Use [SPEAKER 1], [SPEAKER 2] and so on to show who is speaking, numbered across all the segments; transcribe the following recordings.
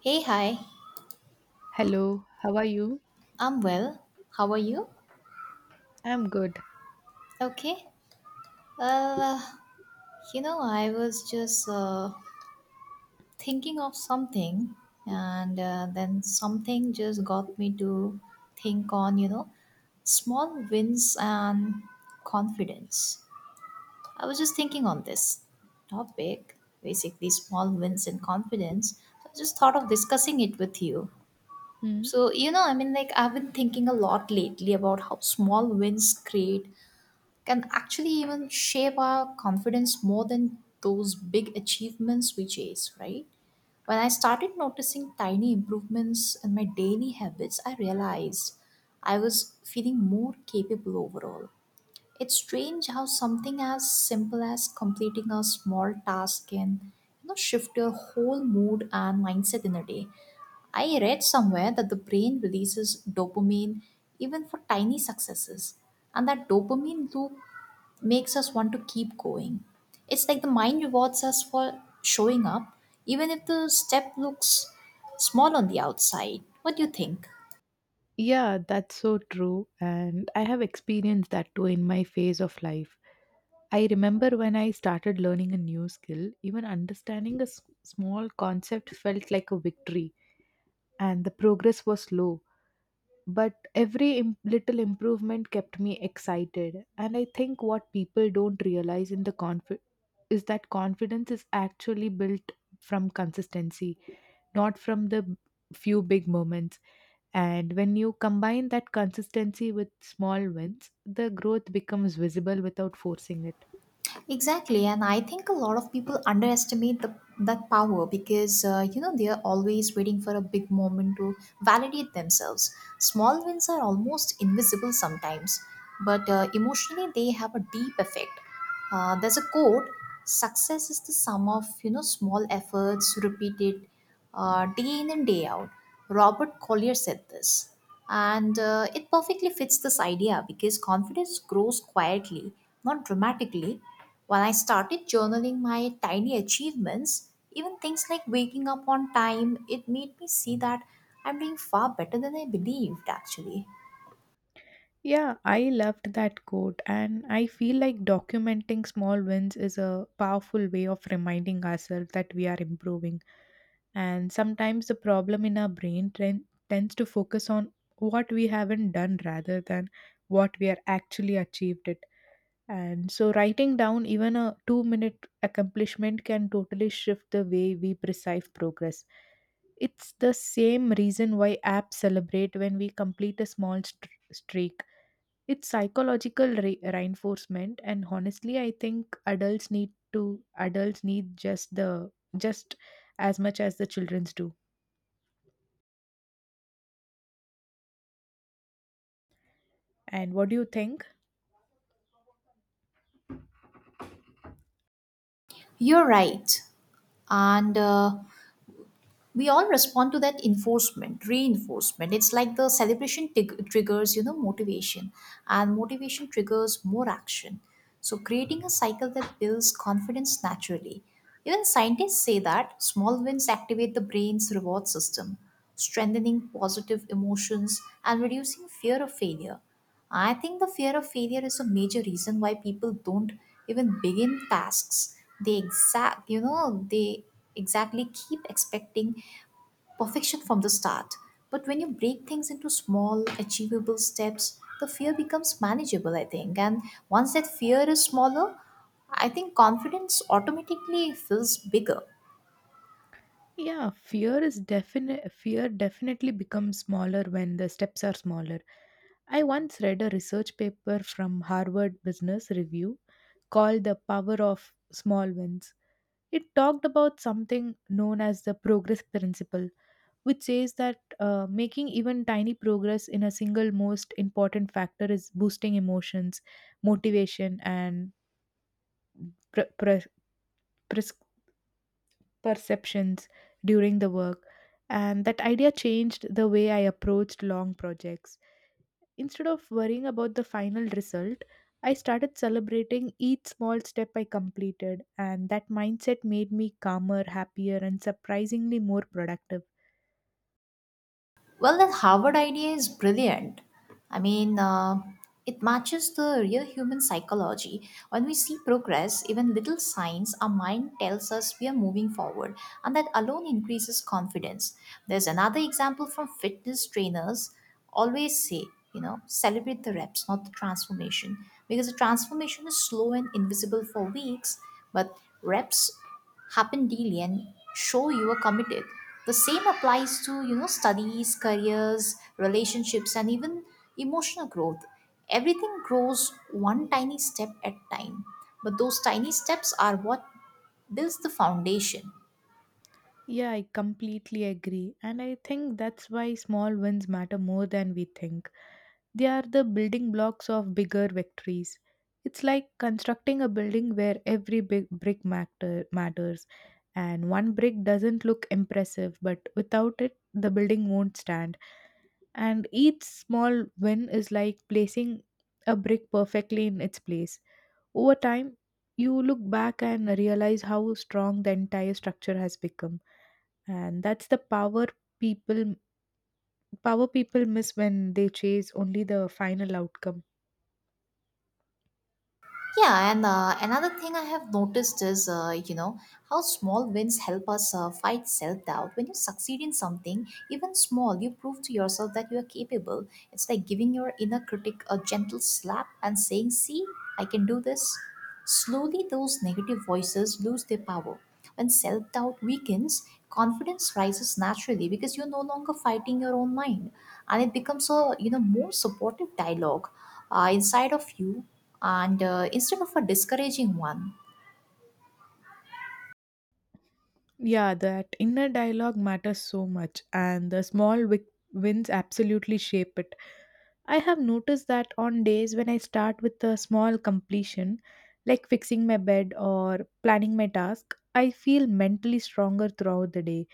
[SPEAKER 1] Hey, hi.
[SPEAKER 2] Hello, how are you?
[SPEAKER 1] I'm well. How are you?
[SPEAKER 2] I'm good.
[SPEAKER 1] Okay. Uh, I was just thinking of something, and then something just got me to think on small wins and confidence. I was just thinking on this topic, basically small wins and confidence. So I just thought of discussing it with you.
[SPEAKER 2] Hmm.
[SPEAKER 1] So, you know, I mean, like, I've been thinking a lot lately about how small wins create can actually even shape our confidence more than those big achievements we chase, right? When I started noticing tiny improvements in my daily habits, I realized I was feeling more capable overall. It's strange how something as simple as completing a small task can shift your whole mood and mindset in a day. I read somewhere that the brain releases dopamine even for tiny successes, and that dopamine loop makes us want to keep going. It's like the mind rewards us for showing up, even if the step looks small on the outside. What do you think?
[SPEAKER 2] Yeah, that's so true. And I have experienced that too in my phase of life. I remember when I started learning a new skill, even understanding a small concept felt like a victory, and the progress was slow. But every little improvement kept me excited. And I think what people don't realize is that confidence is actually built from consistency, not from the few big moments. And when you combine that consistency with small wins, the growth becomes visible without forcing it.
[SPEAKER 1] Exactly, and I think a lot of people underestimate the that power because they are always waiting for a big moment to validate themselves. Small wins are almost invisible sometimes, but emotionally they have a deep effect. There's a quote: "Success is the sum of small efforts repeated day in and day out." Robert Collier said this, and it perfectly fits this idea because confidence grows quietly, not dramatically. Well, I started journaling my tiny achievements, even things like waking up on time. It made me see that I'm doing far better than I believed, actually.
[SPEAKER 2] Yeah, I loved that quote, and I feel like documenting small wins is a powerful way of reminding ourselves that we are improving. And sometimes the problem in our brain tends to focus on what we haven't done rather than what we are actually achieved it. And so writing down even a 2-minute accomplishment can totally shift the way we perceive progress. It's the same reason why apps celebrate when we complete a small streak. It's psychological reinforcement. And honestly, I think adults need just as much as the children's do. And what do you think?
[SPEAKER 1] You're right. And we all respond to that enforcement reinforcement. It's like the celebration triggers motivation, and motivation triggers more action, so creating a cycle that builds confidence naturally. Even scientists say that small wins activate the brain's reward system, strengthening positive emotions and reducing fear of failure. I think the fear of failure is a major reason why people don't even begin tasks. They exactly keep expecting perfection from the start. But when you break things into small, achievable steps, the fear becomes manageable, I think. And once that fear is smaller, I think confidence automatically feels bigger.
[SPEAKER 2] Yeah, fear definitely becomes smaller when the steps are smaller. I once read a research paper from Harvard Business Review called The Power of Small Wins. It talked about something known as the progress principle, which says that making even tiny progress in a single most important factor is boosting emotions, motivation, and pre- pre- pres- perceptions during the work, and that idea changed the way I approached long projects. Instead of worrying about the final result, I started celebrating each small step I completed, and that mindset made me calmer, happier, and surprisingly more productive.
[SPEAKER 1] Well, that Harvard idea is brilliant. I mean, it matches the real human psychology. When we see progress, even little signs, our mind tells us we are moving forward, and that alone increases confidence. There's another example from fitness trainers. Always say, celebrate the reps, not the transformation, because the transformation is slow and invisible for weeks, but reps happen daily and show you are committed. The same applies to studies, careers, relationships, and even emotional growth. Everything grows one tiny step at a time, but those tiny steps are what builds the foundation.
[SPEAKER 2] Yeah, I completely agree, and I think that's why small wins matter more than we think. They are the building blocks of bigger victories. It's like constructing a building where every big matters, and one brick doesn't look impressive, but without it, the building won't stand. And each small win is like placing a brick perfectly in its place. Over time, you look back and realize how strong the entire structure has become, and that's the people power people miss when they chase only the final outcome.
[SPEAKER 1] Yeah, and another thing I have noticed is, how small wins help us fight self doubt. When you succeed in something, even small, you prove to yourself that you are capable. It's like giving your inner critic a gentle slap and saying, See, I can do this. Slowly, those negative voices lose their power. When self doubt weakens, confidence rises naturally because you're no longer fighting your own mind, and it becomes a more supportive dialogue inside of you, and instead of a discouraging one.
[SPEAKER 2] Yeah, that inner dialogue matters so much, and the small wins absolutely shape it. I have noticed that on days when I start with a small completion, like fixing my bed or planning my task, I feel mentally stronger throughout the day.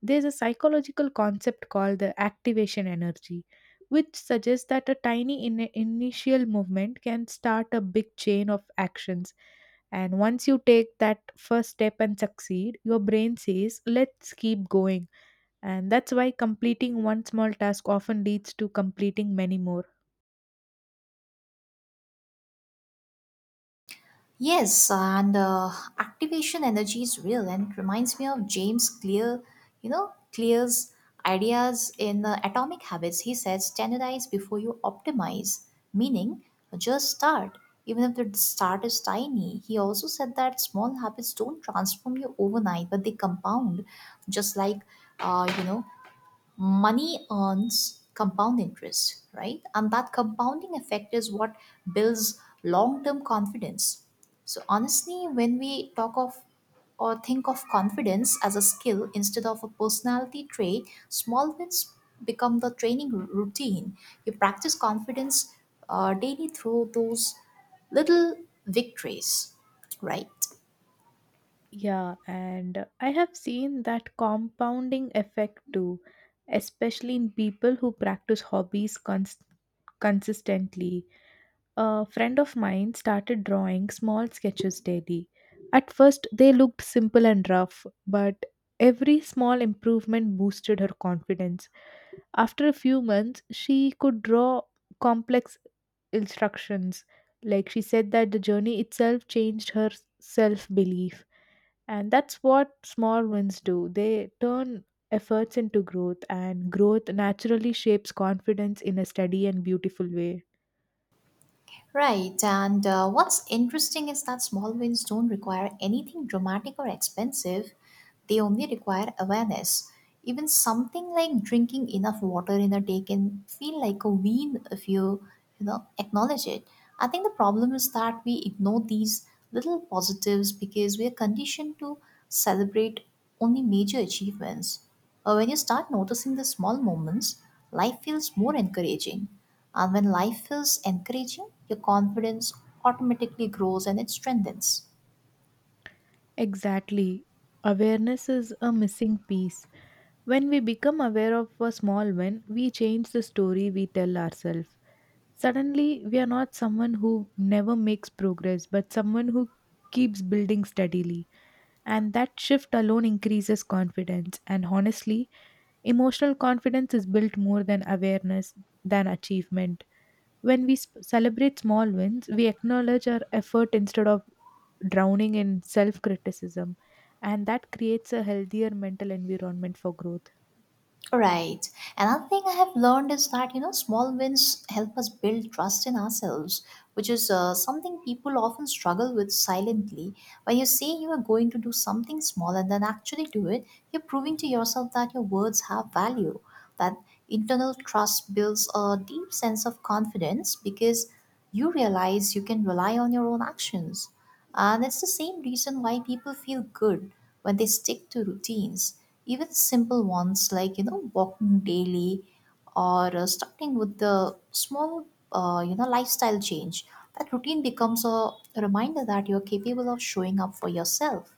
[SPEAKER 2] There's a psychological concept called the activation energy, which suggests that a tiny initial movement can start a big chain of actions. And once you take that first step and succeed, your brain says, let's keep going. And that's why completing one small task often leads to completing many more.
[SPEAKER 1] Yes, and activation energy is real, and it reminds me of James Clear, Clear's ideas in Atomic Habits. He says, standardize before you optimize, meaning just start, even if the start is tiny. He also said that small habits don't transform you overnight, but they compound, just like, uh, you know, money earns compound interest, right? And that compounding effect is what builds long term confidence. So, honestly, when we talk of or think of confidence as a skill instead of a personality trait, small wins become the training routine. You practice confidence daily through those little victories, right?
[SPEAKER 2] Yeah, and I have seen that compounding effect too, especially in people who practice hobbies consistently. A friend of mine started drawing small sketches daily. At first, they looked simple and rough, but every small improvement boosted her confidence. After a few months, she could draw complex instructions. Like she said, that the journey itself changed her self belief. And that's what small wins do, they turn efforts into growth, and growth naturally shapes confidence in a steady and beautiful way.
[SPEAKER 1] Right, and what's interesting is that small wins don't require anything dramatic or expensive, they only require awareness. Even something like drinking enough water in a day can feel like a win if you acknowledge it. I think the problem is that we ignore these little positives because we are conditioned to celebrate only major achievements. When you start noticing the small moments, life feels more encouraging. And when life feels encouraging, your confidence automatically grows and it strengthens.
[SPEAKER 2] Exactly. Awareness is a missing piece. When we become aware of a small win, we change the story we tell ourselves. Suddenly, we are not someone who never makes progress, but someone who keeps building steadily. And that shift alone increases confidence. And honestly, emotional confidence is built more than awareness than achievement. When we celebrate small wins, we acknowledge our effort instead of drowning in self criticism, and that creates a healthier mental environment for growth.
[SPEAKER 1] Right. Another thing I have learned is that, small wins help us build trust in ourselves, which is something people often struggle with silently. When you say you are going to do something small and then actually do it, you're proving to yourself that your words have value. That internal trust builds a deep sense of confidence because you realize you can rely on your own actions. And it's the same reason why people feel good when they stick to routines, even simple ones like walking daily, or starting with the small lifestyle change. That routine becomes a reminder that you're capable of showing up for yourself.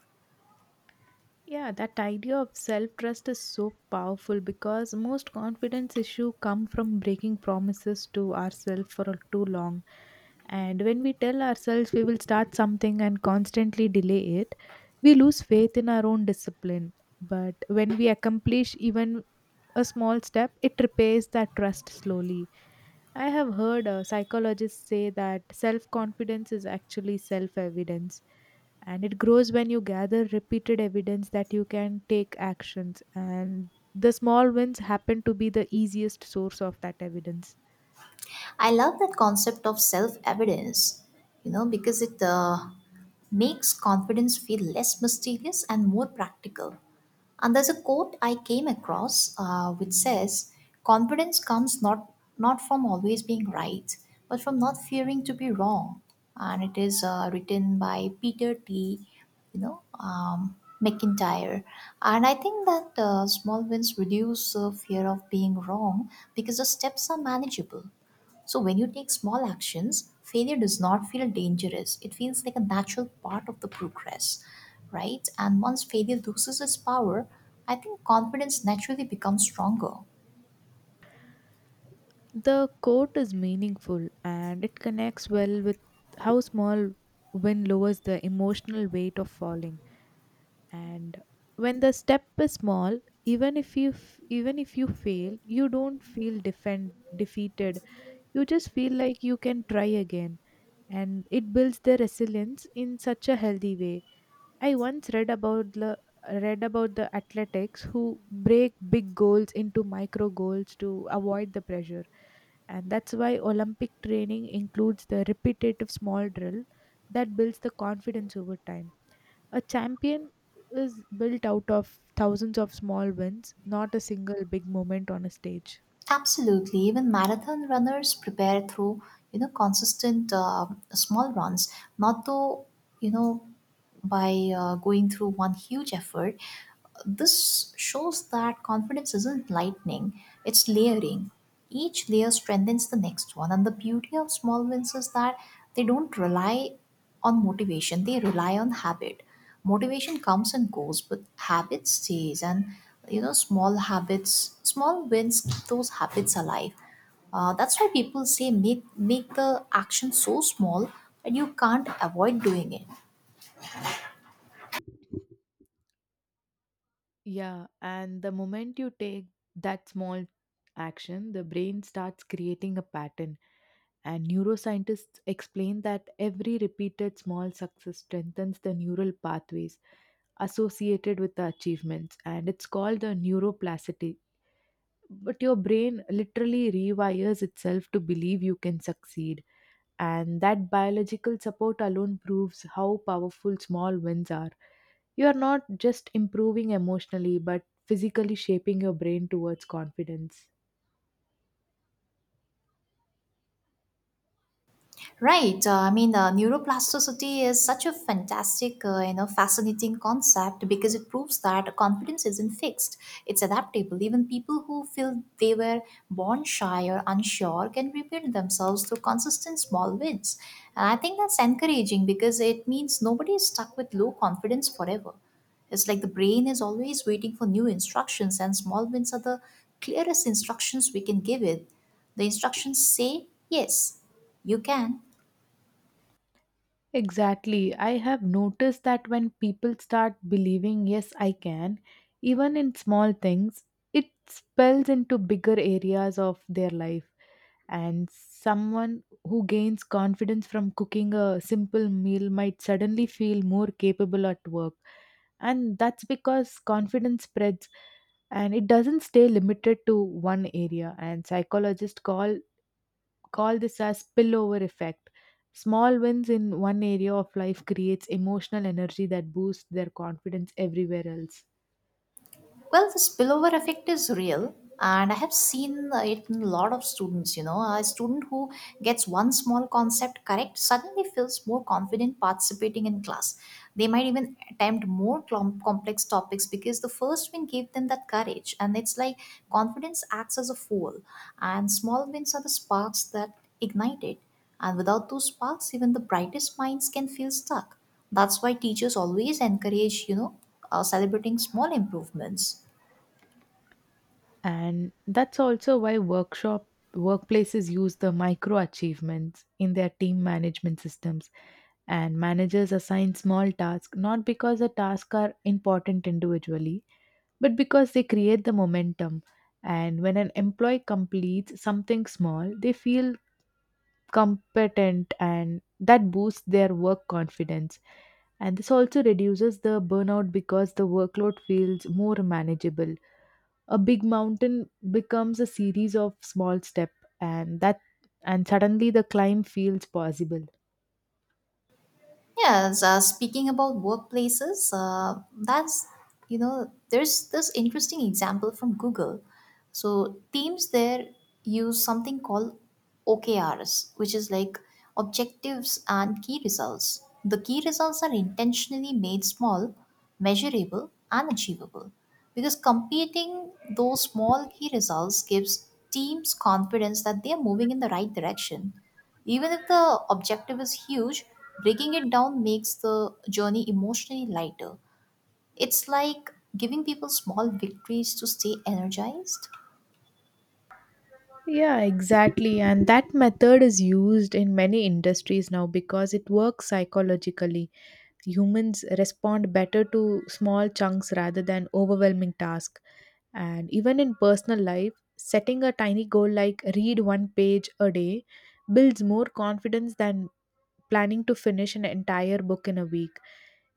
[SPEAKER 2] Yeah, that idea of self trust is so powerful because most confidence issue come from breaking promises to ourselves for too long. And when we tell ourselves we will start something and constantly delay it, we lose faith in our own discipline. But when we accomplish even a small step, it repairs that trust slowly. I have heard psychologists say that self confidence is actually self evidence, and it grows when you gather repeated evidence that you can take actions, and the small wins happen to be the easiest source of that evidence.
[SPEAKER 1] I love that concept of self evidence, because it makes confidence feel less mysterious and more practical. And there's a quote I came across which says, "Confidence comes not from always being right, but from not fearing to be wrong." And it is written by Peter T. You know, um, McIntyre. And I think that small wins reduce fear of being wrong because the steps are manageable. So when you take small actions, failure does not feel dangerous. It feels like a natural part of the progress, right? And once failure loses its power, I think confidence naturally becomes stronger.
[SPEAKER 2] The quote is meaningful, and it connects well with how small win lowers the emotional weight of falling. And when the step is small, even if you f- even if you fail, you don't feel defend defeated. You just feel like you can try again, and it builds the resilience in such a healthy way. I once read about the athletics who break big goals into micro goals to avoid the pressure. And that's why Olympic training includes the repetitive small drill that builds the confidence over time. A champion is built out of thousands of small wins, not a single big moment on a stage.
[SPEAKER 1] Absolutely, even marathon runners prepare through consistent small runs, not though you know by going through one huge effort. This shows that confidence isn't lightning, it's layering. Each layer strengthens the next one, and the beauty of small wins is that they don't rely on motivation, they rely on habit. Motivation comes and goes, but habit stays, and small habits, small wins keep those habits alive. That's why people say make the action so small that you can't avoid doing it.
[SPEAKER 2] Yeah, and the moment you take that small action, the brain starts creating a pattern. And neuroscientists explain that every repeated small success strengthens the neural pathways associated with the achievements, and it's called the neuroplasticity. But your brain literally rewires itself to believe you can succeed, and that biological support alone proves how powerful small wins are. You are not just improving emotionally, but physically shaping your brain towards confidence.
[SPEAKER 1] Right. Neuroplasticity is such a fantastic, fascinating concept because it proves that confidence isn't fixed. It's adaptable. Even people who feel they were born shy or unsure can rebuild themselves through consistent small wins. And I think that's encouraging because it means nobody is stuck with low confidence forever. It's like the brain is always waiting for new instructions, and small wins are the clearest instructions we can give it. The instructions say, yes, you can.
[SPEAKER 2] Exactly. I have noticed that when people start believing, yes, I can, even in small things, it spills into bigger areas of their life. And someone who gains confidence from cooking a simple meal might suddenly feel more capable at work. And that's because confidence spreads, and it doesn't stay limited to one area. And psychologists call this as spillover effect. Small wins in one area of life creates emotional energy that boosts their confidence everywhere else.
[SPEAKER 1] Well, the spillover effect is real, and I have seen it in a lot of students. You know, a student who gets one small concept correct suddenly feels more confident participating in class. They might even attempt more complex topics because the first win gave them that courage. And it's like confidence acts as a fuel, and small wins are the sparks that ignite it. And without those sparks, even the brightest minds can feel stuck. That's why teachers always encourage, celebrating small improvements.
[SPEAKER 2] And that's also why workshop workplaces use the micro achievements in their team management systems. And managers assign small tasks, not because the tasks are important individually, but because they create the momentum. And when an employee completes something small, they feel competent, and that boosts their work confidence. And this also reduces the burnout because the workload feels more manageable. A big mountain becomes a series of small steps, and that and suddenly the climb feels possible.
[SPEAKER 1] Yes, speaking about workplaces, there's this interesting example from Google. So teams there use something called OKRs, which is like objectives and key results. The key results are intentionally made small, measurable, and achievable because competing those small key results gives teams confidence that they are moving in the right direction. Even if the objective is huge, breaking it down makes the journey emotionally lighter. It's like giving people small victories to stay energized.
[SPEAKER 2] Yeah, exactly. And that method is used in many industries now because it works psychologically. Humans respond better to small chunks rather than overwhelming tasks. And even in personal life, setting a tiny goal like read one page a day builds more confidence than planning to finish an entire book in a week.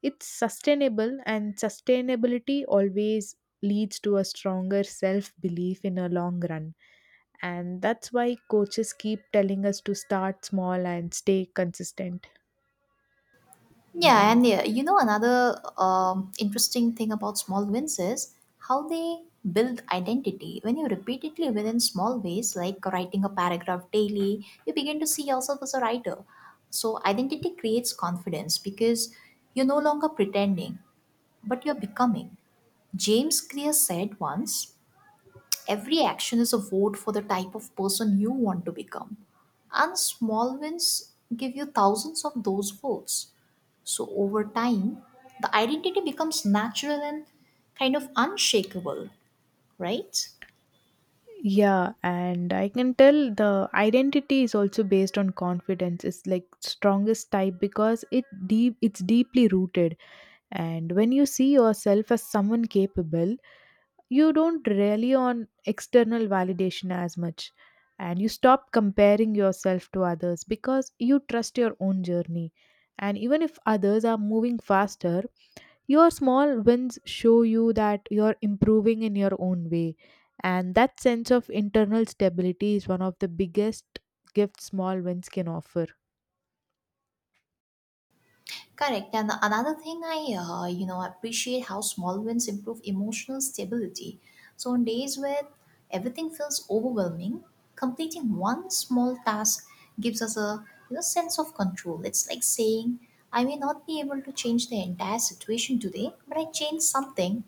[SPEAKER 2] It's sustainable, and sustainability always leads to a stronger self belief in a long run. And that's why coaches keep telling us to start small and stay consistent.
[SPEAKER 1] Yeah, and yeah, you know, another interesting thing about small wins is how they build identity. When you repeatedly win in small ways, like writing a paragraph daily, you begin to see yourself as a writer. So, identity creates confidence because you're no longer pretending, but you're becoming. James Clear said once every action is a vote for the type of person you want to become. And small wins give you thousands of those votes. So over time, the identity becomes natural and kind of unshakable, right?
[SPEAKER 2] Yeah, and I can tell the identity is also based on confidence. It's like strongest type because it's deeply rooted. And when you see yourself as someone capable, you don't rely on external validation as much, and you stop comparing yourself to others because you trust your own journey. And even if others are moving faster, your small wins show you that you're improving in your own way, and that sense of internal stability is one of the biggest gifts small wins can offer.
[SPEAKER 1] Correct. And another thing I appreciate how small wins improve emotional stability. So on days where everything feels overwhelming, completing one small task gives us a sense of control. It's like saying, I may not be able to change the entire situation today, but I changed something.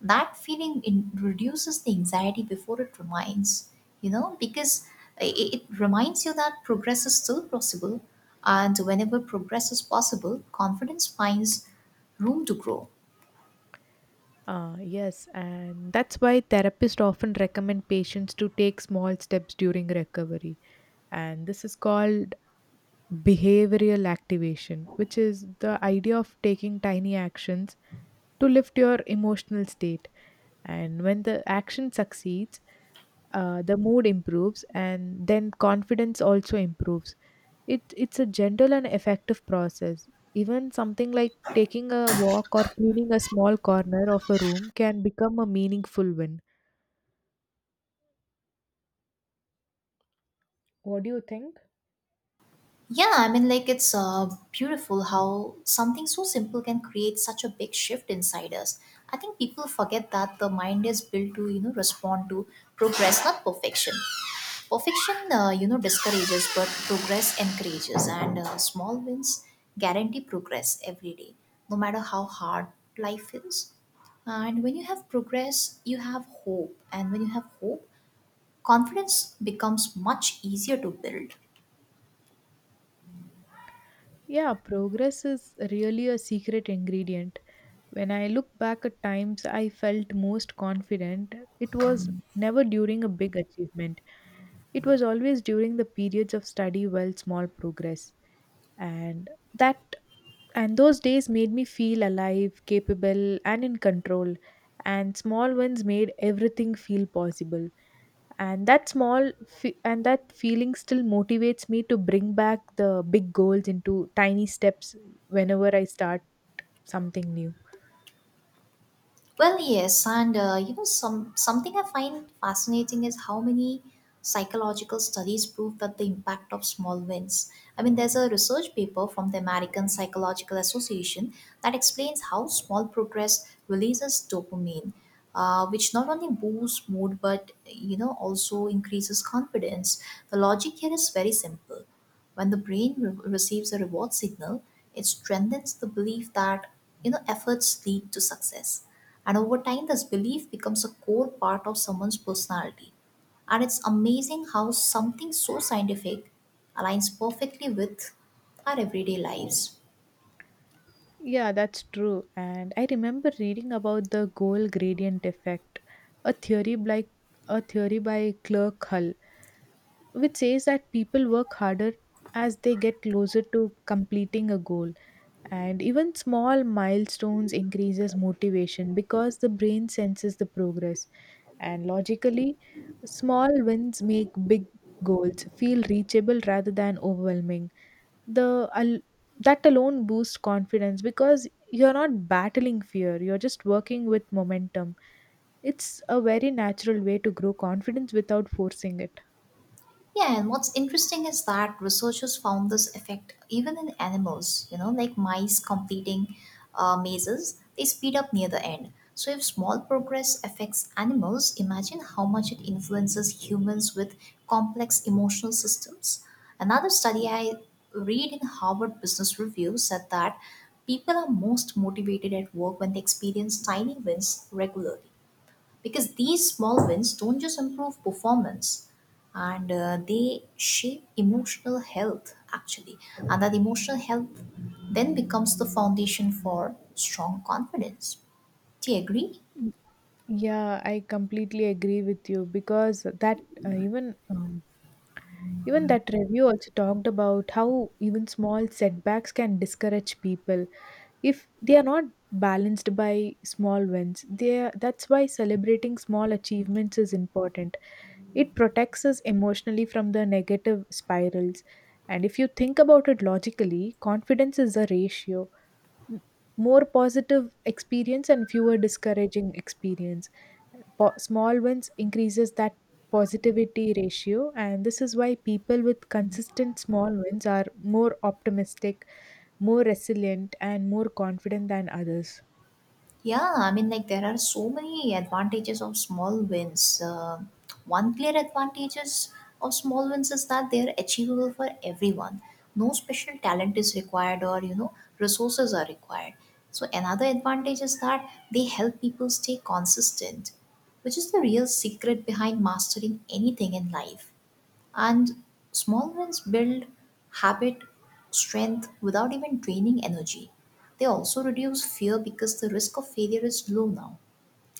[SPEAKER 1] That feeling reduces the anxiety before it reminds, because it reminds you that progress is still possible. And whenever progress is possible, confidence finds room to grow.
[SPEAKER 2] Ah, yes, and that's why therapists often recommend patients to take small steps during recovery. And this is called behavioral activation, which is the idea of taking tiny actions to lift your emotional state. And when the action succeeds, the mood improves, and then confidence also improves. It's a gentle and effective process. Even something like taking a walk or cleaning a small corner of a room can become a meaningful win. What do you think?
[SPEAKER 1] Yeah, I mean, like it's beautiful how something so simple can create such a big shift inside us. I think people forget that the mind is built to respond to progress, not perfection. Perfection discourages, but progress encourages. And small wins guarantee progress every day, no matter how hard life is. And when you have progress, you have hope. And when you have hope, confidence becomes much easier to build.
[SPEAKER 2] Yeah, progress is really a secret ingredient. When I look back at times I felt most confident, it was never during a big achievement. It was always during the periods of study, well, small progress. And that and those days made me feel alive, capable, and in control. And small wins made everything feel possible. And that feeling still motivates me to bring back the big goals into tiny steps whenever I start something new.
[SPEAKER 1] Well, yes. And something I find fascinating is how many psychological studies prove that the impact of small wins. I mean, there's a research paper from the American Psychological Association that explains how small progress releases dopamine, which not only boosts mood but also increases confidence. The logic here is very simple. When the brain receives a reward signal, it strengthens the belief that efforts lead to success. And over time, this belief becomes a core part of someone's personality. And it's amazing how something so scientific aligns perfectly with our everyday lives.
[SPEAKER 2] Yeah, that's true. And I remember reading about the goal gradient effect, a theory by a theory by Clerk Hull, which says that people work harder as they get closer to completing a goal, and even small milestones increases motivation because the brain senses the progress. And logically, small wins make big goals feel reachable rather than overwhelming. the al- that alone boosts confidence because you're not battling fear, you're just working with momentum. It's a very natural way to grow confidence without forcing it.
[SPEAKER 1] Yeah, and what's interesting is that researchers found this effect even in animals, like mice completing mazes. They speed up near the end. So if small progress affects animals, imagine how much it influences humans with complex emotional systems. Another study I read in Harvard Business Review said that people are most motivated at work when they experience tiny wins regularly, because these small wins don't just improve performance, and they shape emotional health actually, and that emotional health then becomes the foundation for strong confidence. Do you agree?
[SPEAKER 2] Yeah, I completely agree with you because that even even that review also talked about how even small setbacks can discourage people if they are not balanced by small wins. They are, that's why celebrating small achievements is important. It protects us emotionally from the negative spirals. And if you think about it logically, confidence is a ratio, m- more positive experience and fewer discouraging experience. Small wins increases that positivity ratio, and this is why people with consistent small wins are more optimistic, more resilient, and more confident than others.
[SPEAKER 1] Yeah, I mean, like there are so many advantages of small wins. One clear advantages of small wins is that they are achievable for everyone. No special talent is required, or resources are required. So another advantage is that they help people stay consistent, which is the real secret behind mastering anything in life. And small wins build habit strength without even draining energy. They also reduce fear because the risk of failure is low now.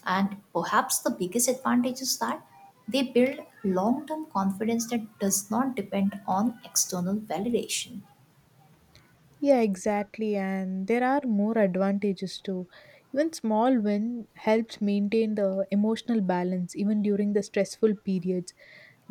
[SPEAKER 1] And perhaps the biggest advantage is that they build long term confidence that does not depend on external validation.
[SPEAKER 2] Yeah, exactly, and there are more advantages too. Even small win helps maintain the emotional balance even during the stressful periods,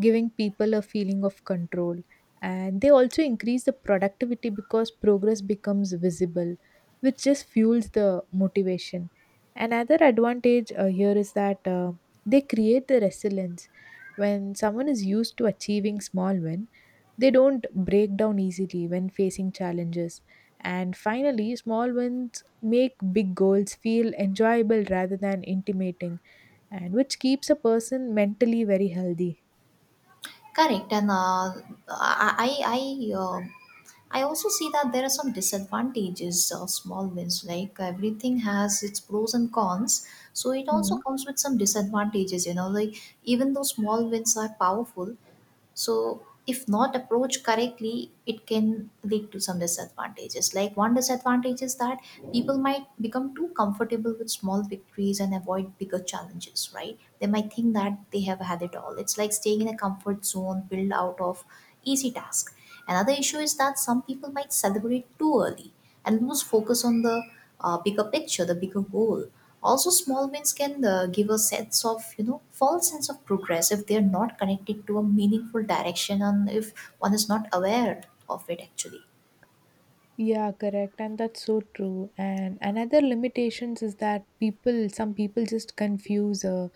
[SPEAKER 2] giving people a feeling of control. And they also increase the productivity because progress becomes visible, which just fuels the motivation. Another advantage here is that they create the resilience. When someone is used to achieving small win, they don't break down easily when facing challenges. And finally, small wins make big goals feel enjoyable rather than intimidating, and which keeps a person mentally very healthy.
[SPEAKER 1] Correct. And I, I, I uh, I also see that there are some disadvantages of small wins, like everything has its pros and cons. So it also
[SPEAKER 2] Mhm.
[SPEAKER 1] comes with some disadvantages, like even though small wins are powerful, so if not approached correctly, it can lead to some disadvantages. Like, one disadvantage is that people might become too comfortable with small victories and avoid bigger challenges, right? They might think that they have had it all. It's like staying in a comfort zone built out of easy tasks. Another issue is that some people might celebrate too early and lose focus on the bigger picture, the bigger goal. Also, small wins can give a sense of false sense of progress if they're not connected to a meaningful direction, and if one is not aware of it actually.
[SPEAKER 2] Yeah, correct. And that's so true. And another limitations is that people, some people just confuse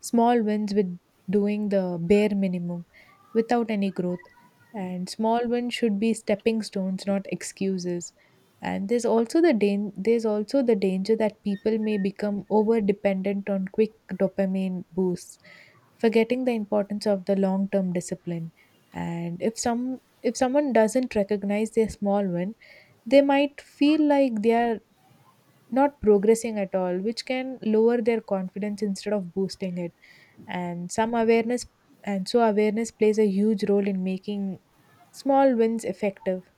[SPEAKER 2] small wins with doing the bare minimum without any growth. And small wins should be stepping stones, not excuses. And there's also the danger that people may become over dependent on quick dopamine boosts, forgetting the importance of the long-term discipline. And if someone doesn't recognize their small win, they might feel like they are not progressing at all, which can lower their confidence instead of boosting it. And some awareness, and so awareness plays a huge role in making small wins effective.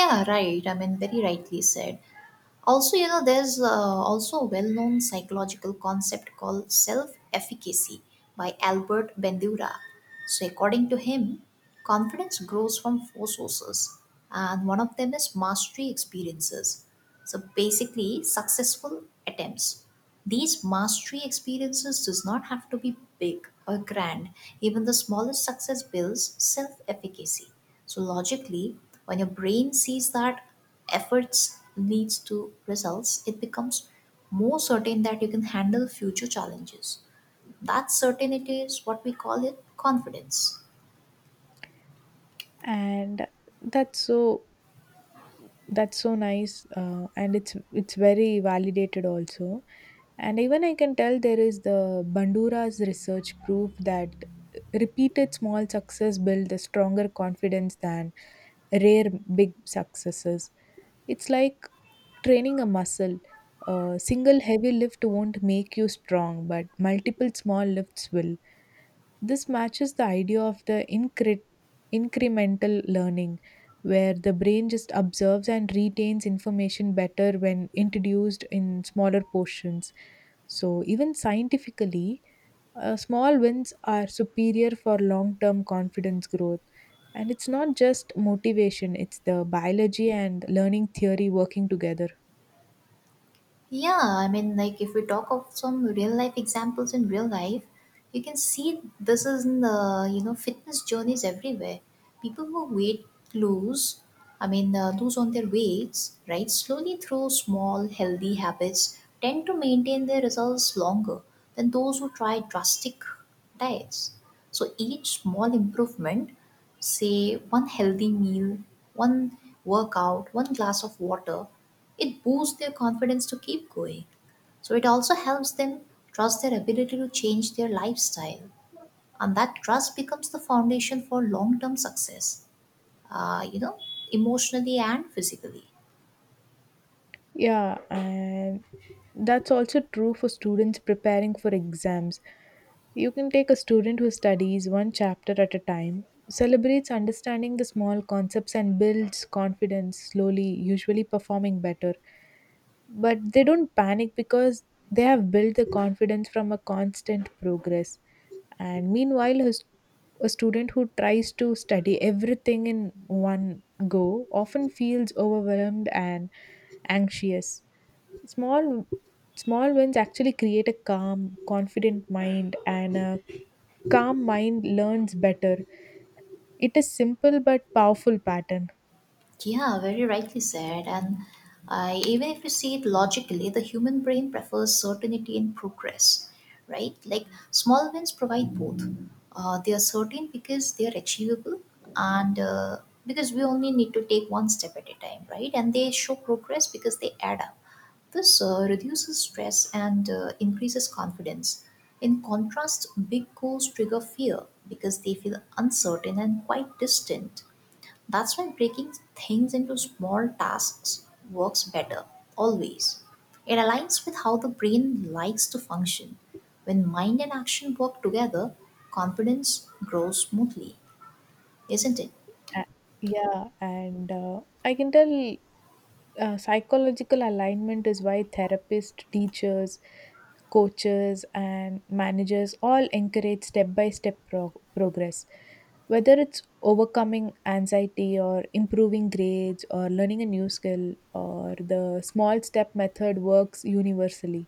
[SPEAKER 1] Yeah, right. I mean, very rightly said. Also, there's also a well-known psychological concept called self-efficacy by Albert Bandura. So according to him, confidence grows from four sources, and one of them is mastery experiences. So basically, successful attempts. These mastery experiences does not have to be big or grand. Even the smallest success builds self-efficacy. So logically, when your brain sees that efforts leads to results, it becomes more certain that you can handle future challenges. That certainty is what we call it confidence.
[SPEAKER 2] And that's so that's so nice, and it's very validated also. And even I can tell there is the Bandura's research proof that repeated small success build a stronger confidence than rare big successes. It's like training a muscle. A single heavy lift won't make you strong, but multiple small lifts will. This matches the idea of the incremental learning, where the brain just observes and retains information better when introduced in smaller portions. So, even scientifically, small wins are superior for long term confidence growth. And it's not just motivation, it's the biology and learning theory working together.
[SPEAKER 1] Yeah, I mean, like if we talk of some real life examples in real life, you can see this is in the fitness journeys everywhere. People who weight lose, I mean, lose on their weights, right? Slowly through small healthy habits, tend to maintain their results longer than those who try drastic diets. So each small improvement, say one healthy meal, one workout, one glass of water, it boosts their confidence to keep going. So it also helps them trust their ability to change their lifestyle. And that trust becomes the foundation for long term success, uh, you know, emotionally and physically.
[SPEAKER 2] Yeah, and that's also true for students preparing for exams. You can take a student who studies one chapter at a time, celebrates understanding the small concepts, and builds confidence slowly, usually performing better, but they don't panic because they have built the confidence from a constant progress. And meanwhile a student who tries to study everything in one go often feels overwhelmed and anxious. Small small wins actually create a calm confident mind, and a calm mind learns better. It is simple but powerful pattern.
[SPEAKER 1] Yeah, very rightly said. And even if you see it logically, the human brain prefers certainty and progress, right? Like, small wins provide both. They are certain because they are achievable, and because we only need to take one step at a time, right? And they show progress because they add up. This reduces stress, and increases confidence. In contrast, big goals trigger fear because they feel uncertain and quite distant. That's why breaking things into small tasks works better, always. It aligns with how the brain likes to function. When mind and action work together, confidence grows smoothly, isn't it?
[SPEAKER 2] A- yeah, and I can tell psychological alignment is why therapists, teachers, coaches, and managers all encourage step by step progress. Whether it's overcoming anxiety or improving grades or learning a new skill, or the small step method works universally.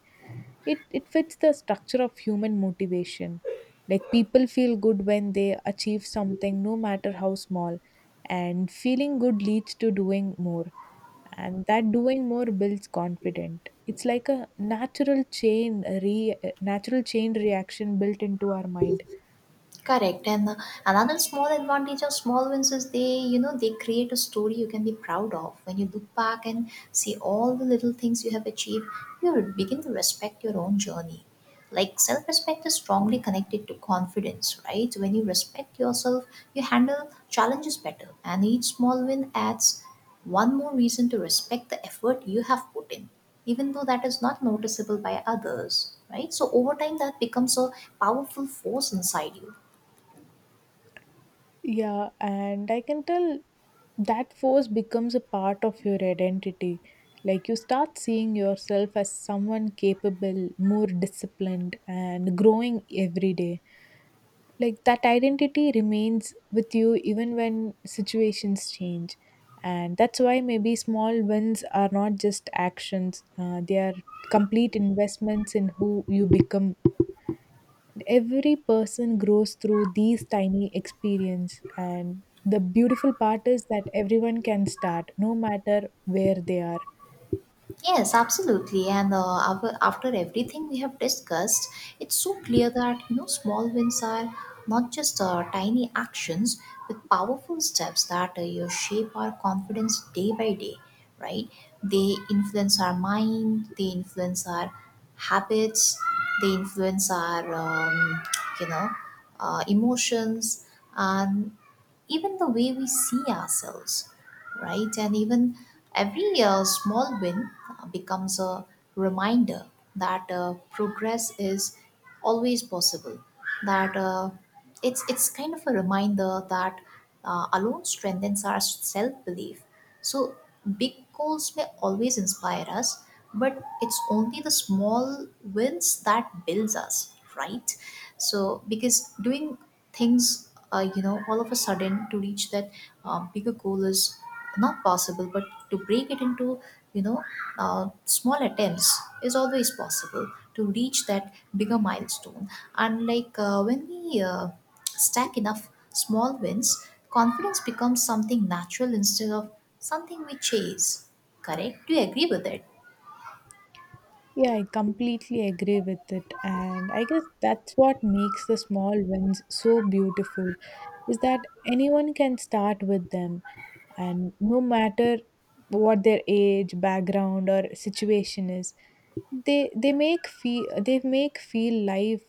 [SPEAKER 2] It fits the structure of human motivation. Like people feel good when they achieve something, no matter how small, and feeling good leads to doing more, and that doing more builds confidence. It's like a natural chain a re a natural chain reaction built into our mind.
[SPEAKER 1] Correct. And another small advantage of small wins is they create a story you can be proud of. When you look back and see all the little things you have achieved, you will begin to respect your own journey. Like, self respect is strongly connected to confidence, right? When you respect yourself, you handle challenges better. And each small win adds one more reason to respect the effort you have put in, even though that is not noticeable by others, right? So over time, that becomes a powerful force inside you.
[SPEAKER 2] Yeah, and I can tell that force becomes a part of your identity. Like you start seeing yourself as someone capable, more disciplined and growing every day. Like that identity remains with you even when situations change. And that's why maybe small wins are not just actions, they are complete investments in who you become. Every person grows through these tiny experience, and the beautiful part is that everyone can start no matter where they are.
[SPEAKER 1] Yes, absolutely. And after everything we have discussed, it's so clear that small wins are not just tiny actions with powerful steps that you shape our confidence day by day, right? They influence our mind, they influence our habits, they influence our you know emotions, and even the way we see ourselves, right? And even every small win becomes a reminder that progress is always possible. That it's kind of a reminder that alone strengthens our self belief. So big goals may always inspire us, but it's only the small wins that builds us, right? So because doing things all of a sudden to reach that bigger goal is not possible, but to break it into you know small attempts is always possible to reach that bigger milestone. And like, when we stack enough small wins, confidence becomes something natural instead of something we chase. Correct. Do you agree with it?
[SPEAKER 2] Yeah, I completely agree with it. And I guess that's what makes the small wins so beautiful is that anyone can start with them. And no matter what their age, background, or situation is, they make feel life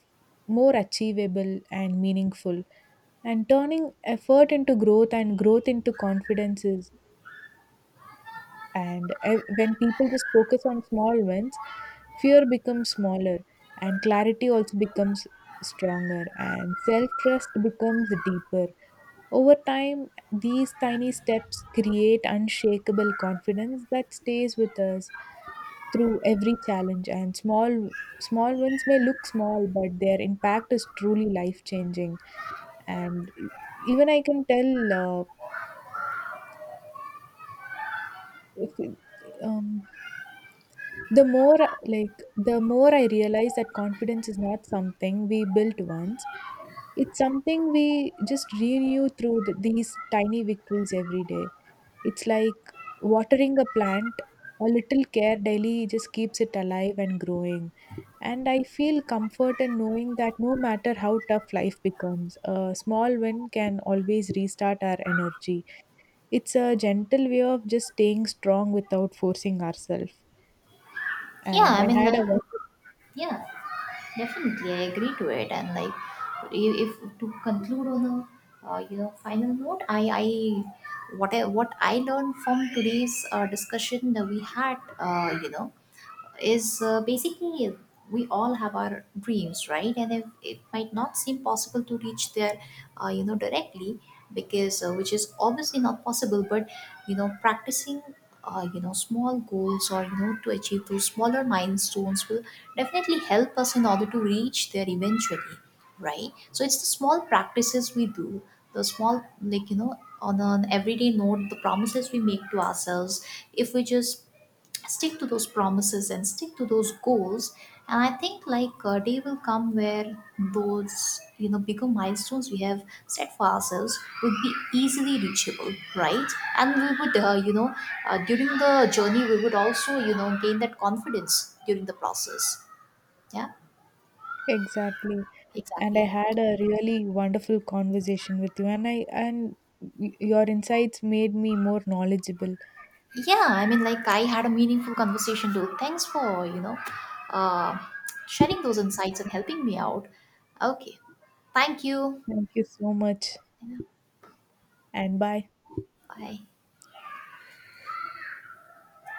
[SPEAKER 2] more achievable and meaningful. And turning effort into growth and growth into confidence is, when people just focus on small wins, fear becomes smaller, and clarity also becomes stronger, and self trust becomes deeper. Over time, these tiny steps create unshakable confidence that stays with us through every challenge. And small wins may look small, but their impact is truly life changing. And even I can tell, if, um, The more the more I realize that confidence is not something we built once. It's something we just renew through the, these tiny victories every day. It's like watering a plant. A little care daily just keeps it alive and growing. And I feel comfort in knowing that no matter how tough life becomes, a small win can always restart our energy. It's a gentle way of just staying strong without forcing ourselves.
[SPEAKER 1] Yeah,
[SPEAKER 2] And
[SPEAKER 1] I
[SPEAKER 2] I
[SPEAKER 1] mean,
[SPEAKER 2] had
[SPEAKER 1] like,
[SPEAKER 2] a
[SPEAKER 1] yeah. Definitely, I agree to it. And like, if to conclude on a final note, I what I learned from today's discussion that we had, is basically we all have our dreams, right? And if it might not seem possible to reach there directly, because which is obviously not possible, but practicing small goals, or to achieve those smaller milestones will definitely help us in order to reach there eventually. Right, so it's the small practices we do, the small, like, on an everyday note, the promises we make to ourselves, if we just stick to those promises and stick to those goals, and I think, like, a day will come where those bigger milestones we have set for ourselves would be easily reachable, right? And we would during the journey, we would also gain that confidence during the process. Yeah.
[SPEAKER 2] Exactly. And I
[SPEAKER 1] Exactly.
[SPEAKER 2] had a really wonderful conversation with you, and your insights made me more knowledgeable.
[SPEAKER 1] Yeah, I mean, like, I had a meaningful conversation too. Thanks for uh, sharing those insights and helping me out. Okay. Thank you.
[SPEAKER 2] Thank you so much.
[SPEAKER 1] Yeah,
[SPEAKER 2] And bye.
[SPEAKER 1] bye.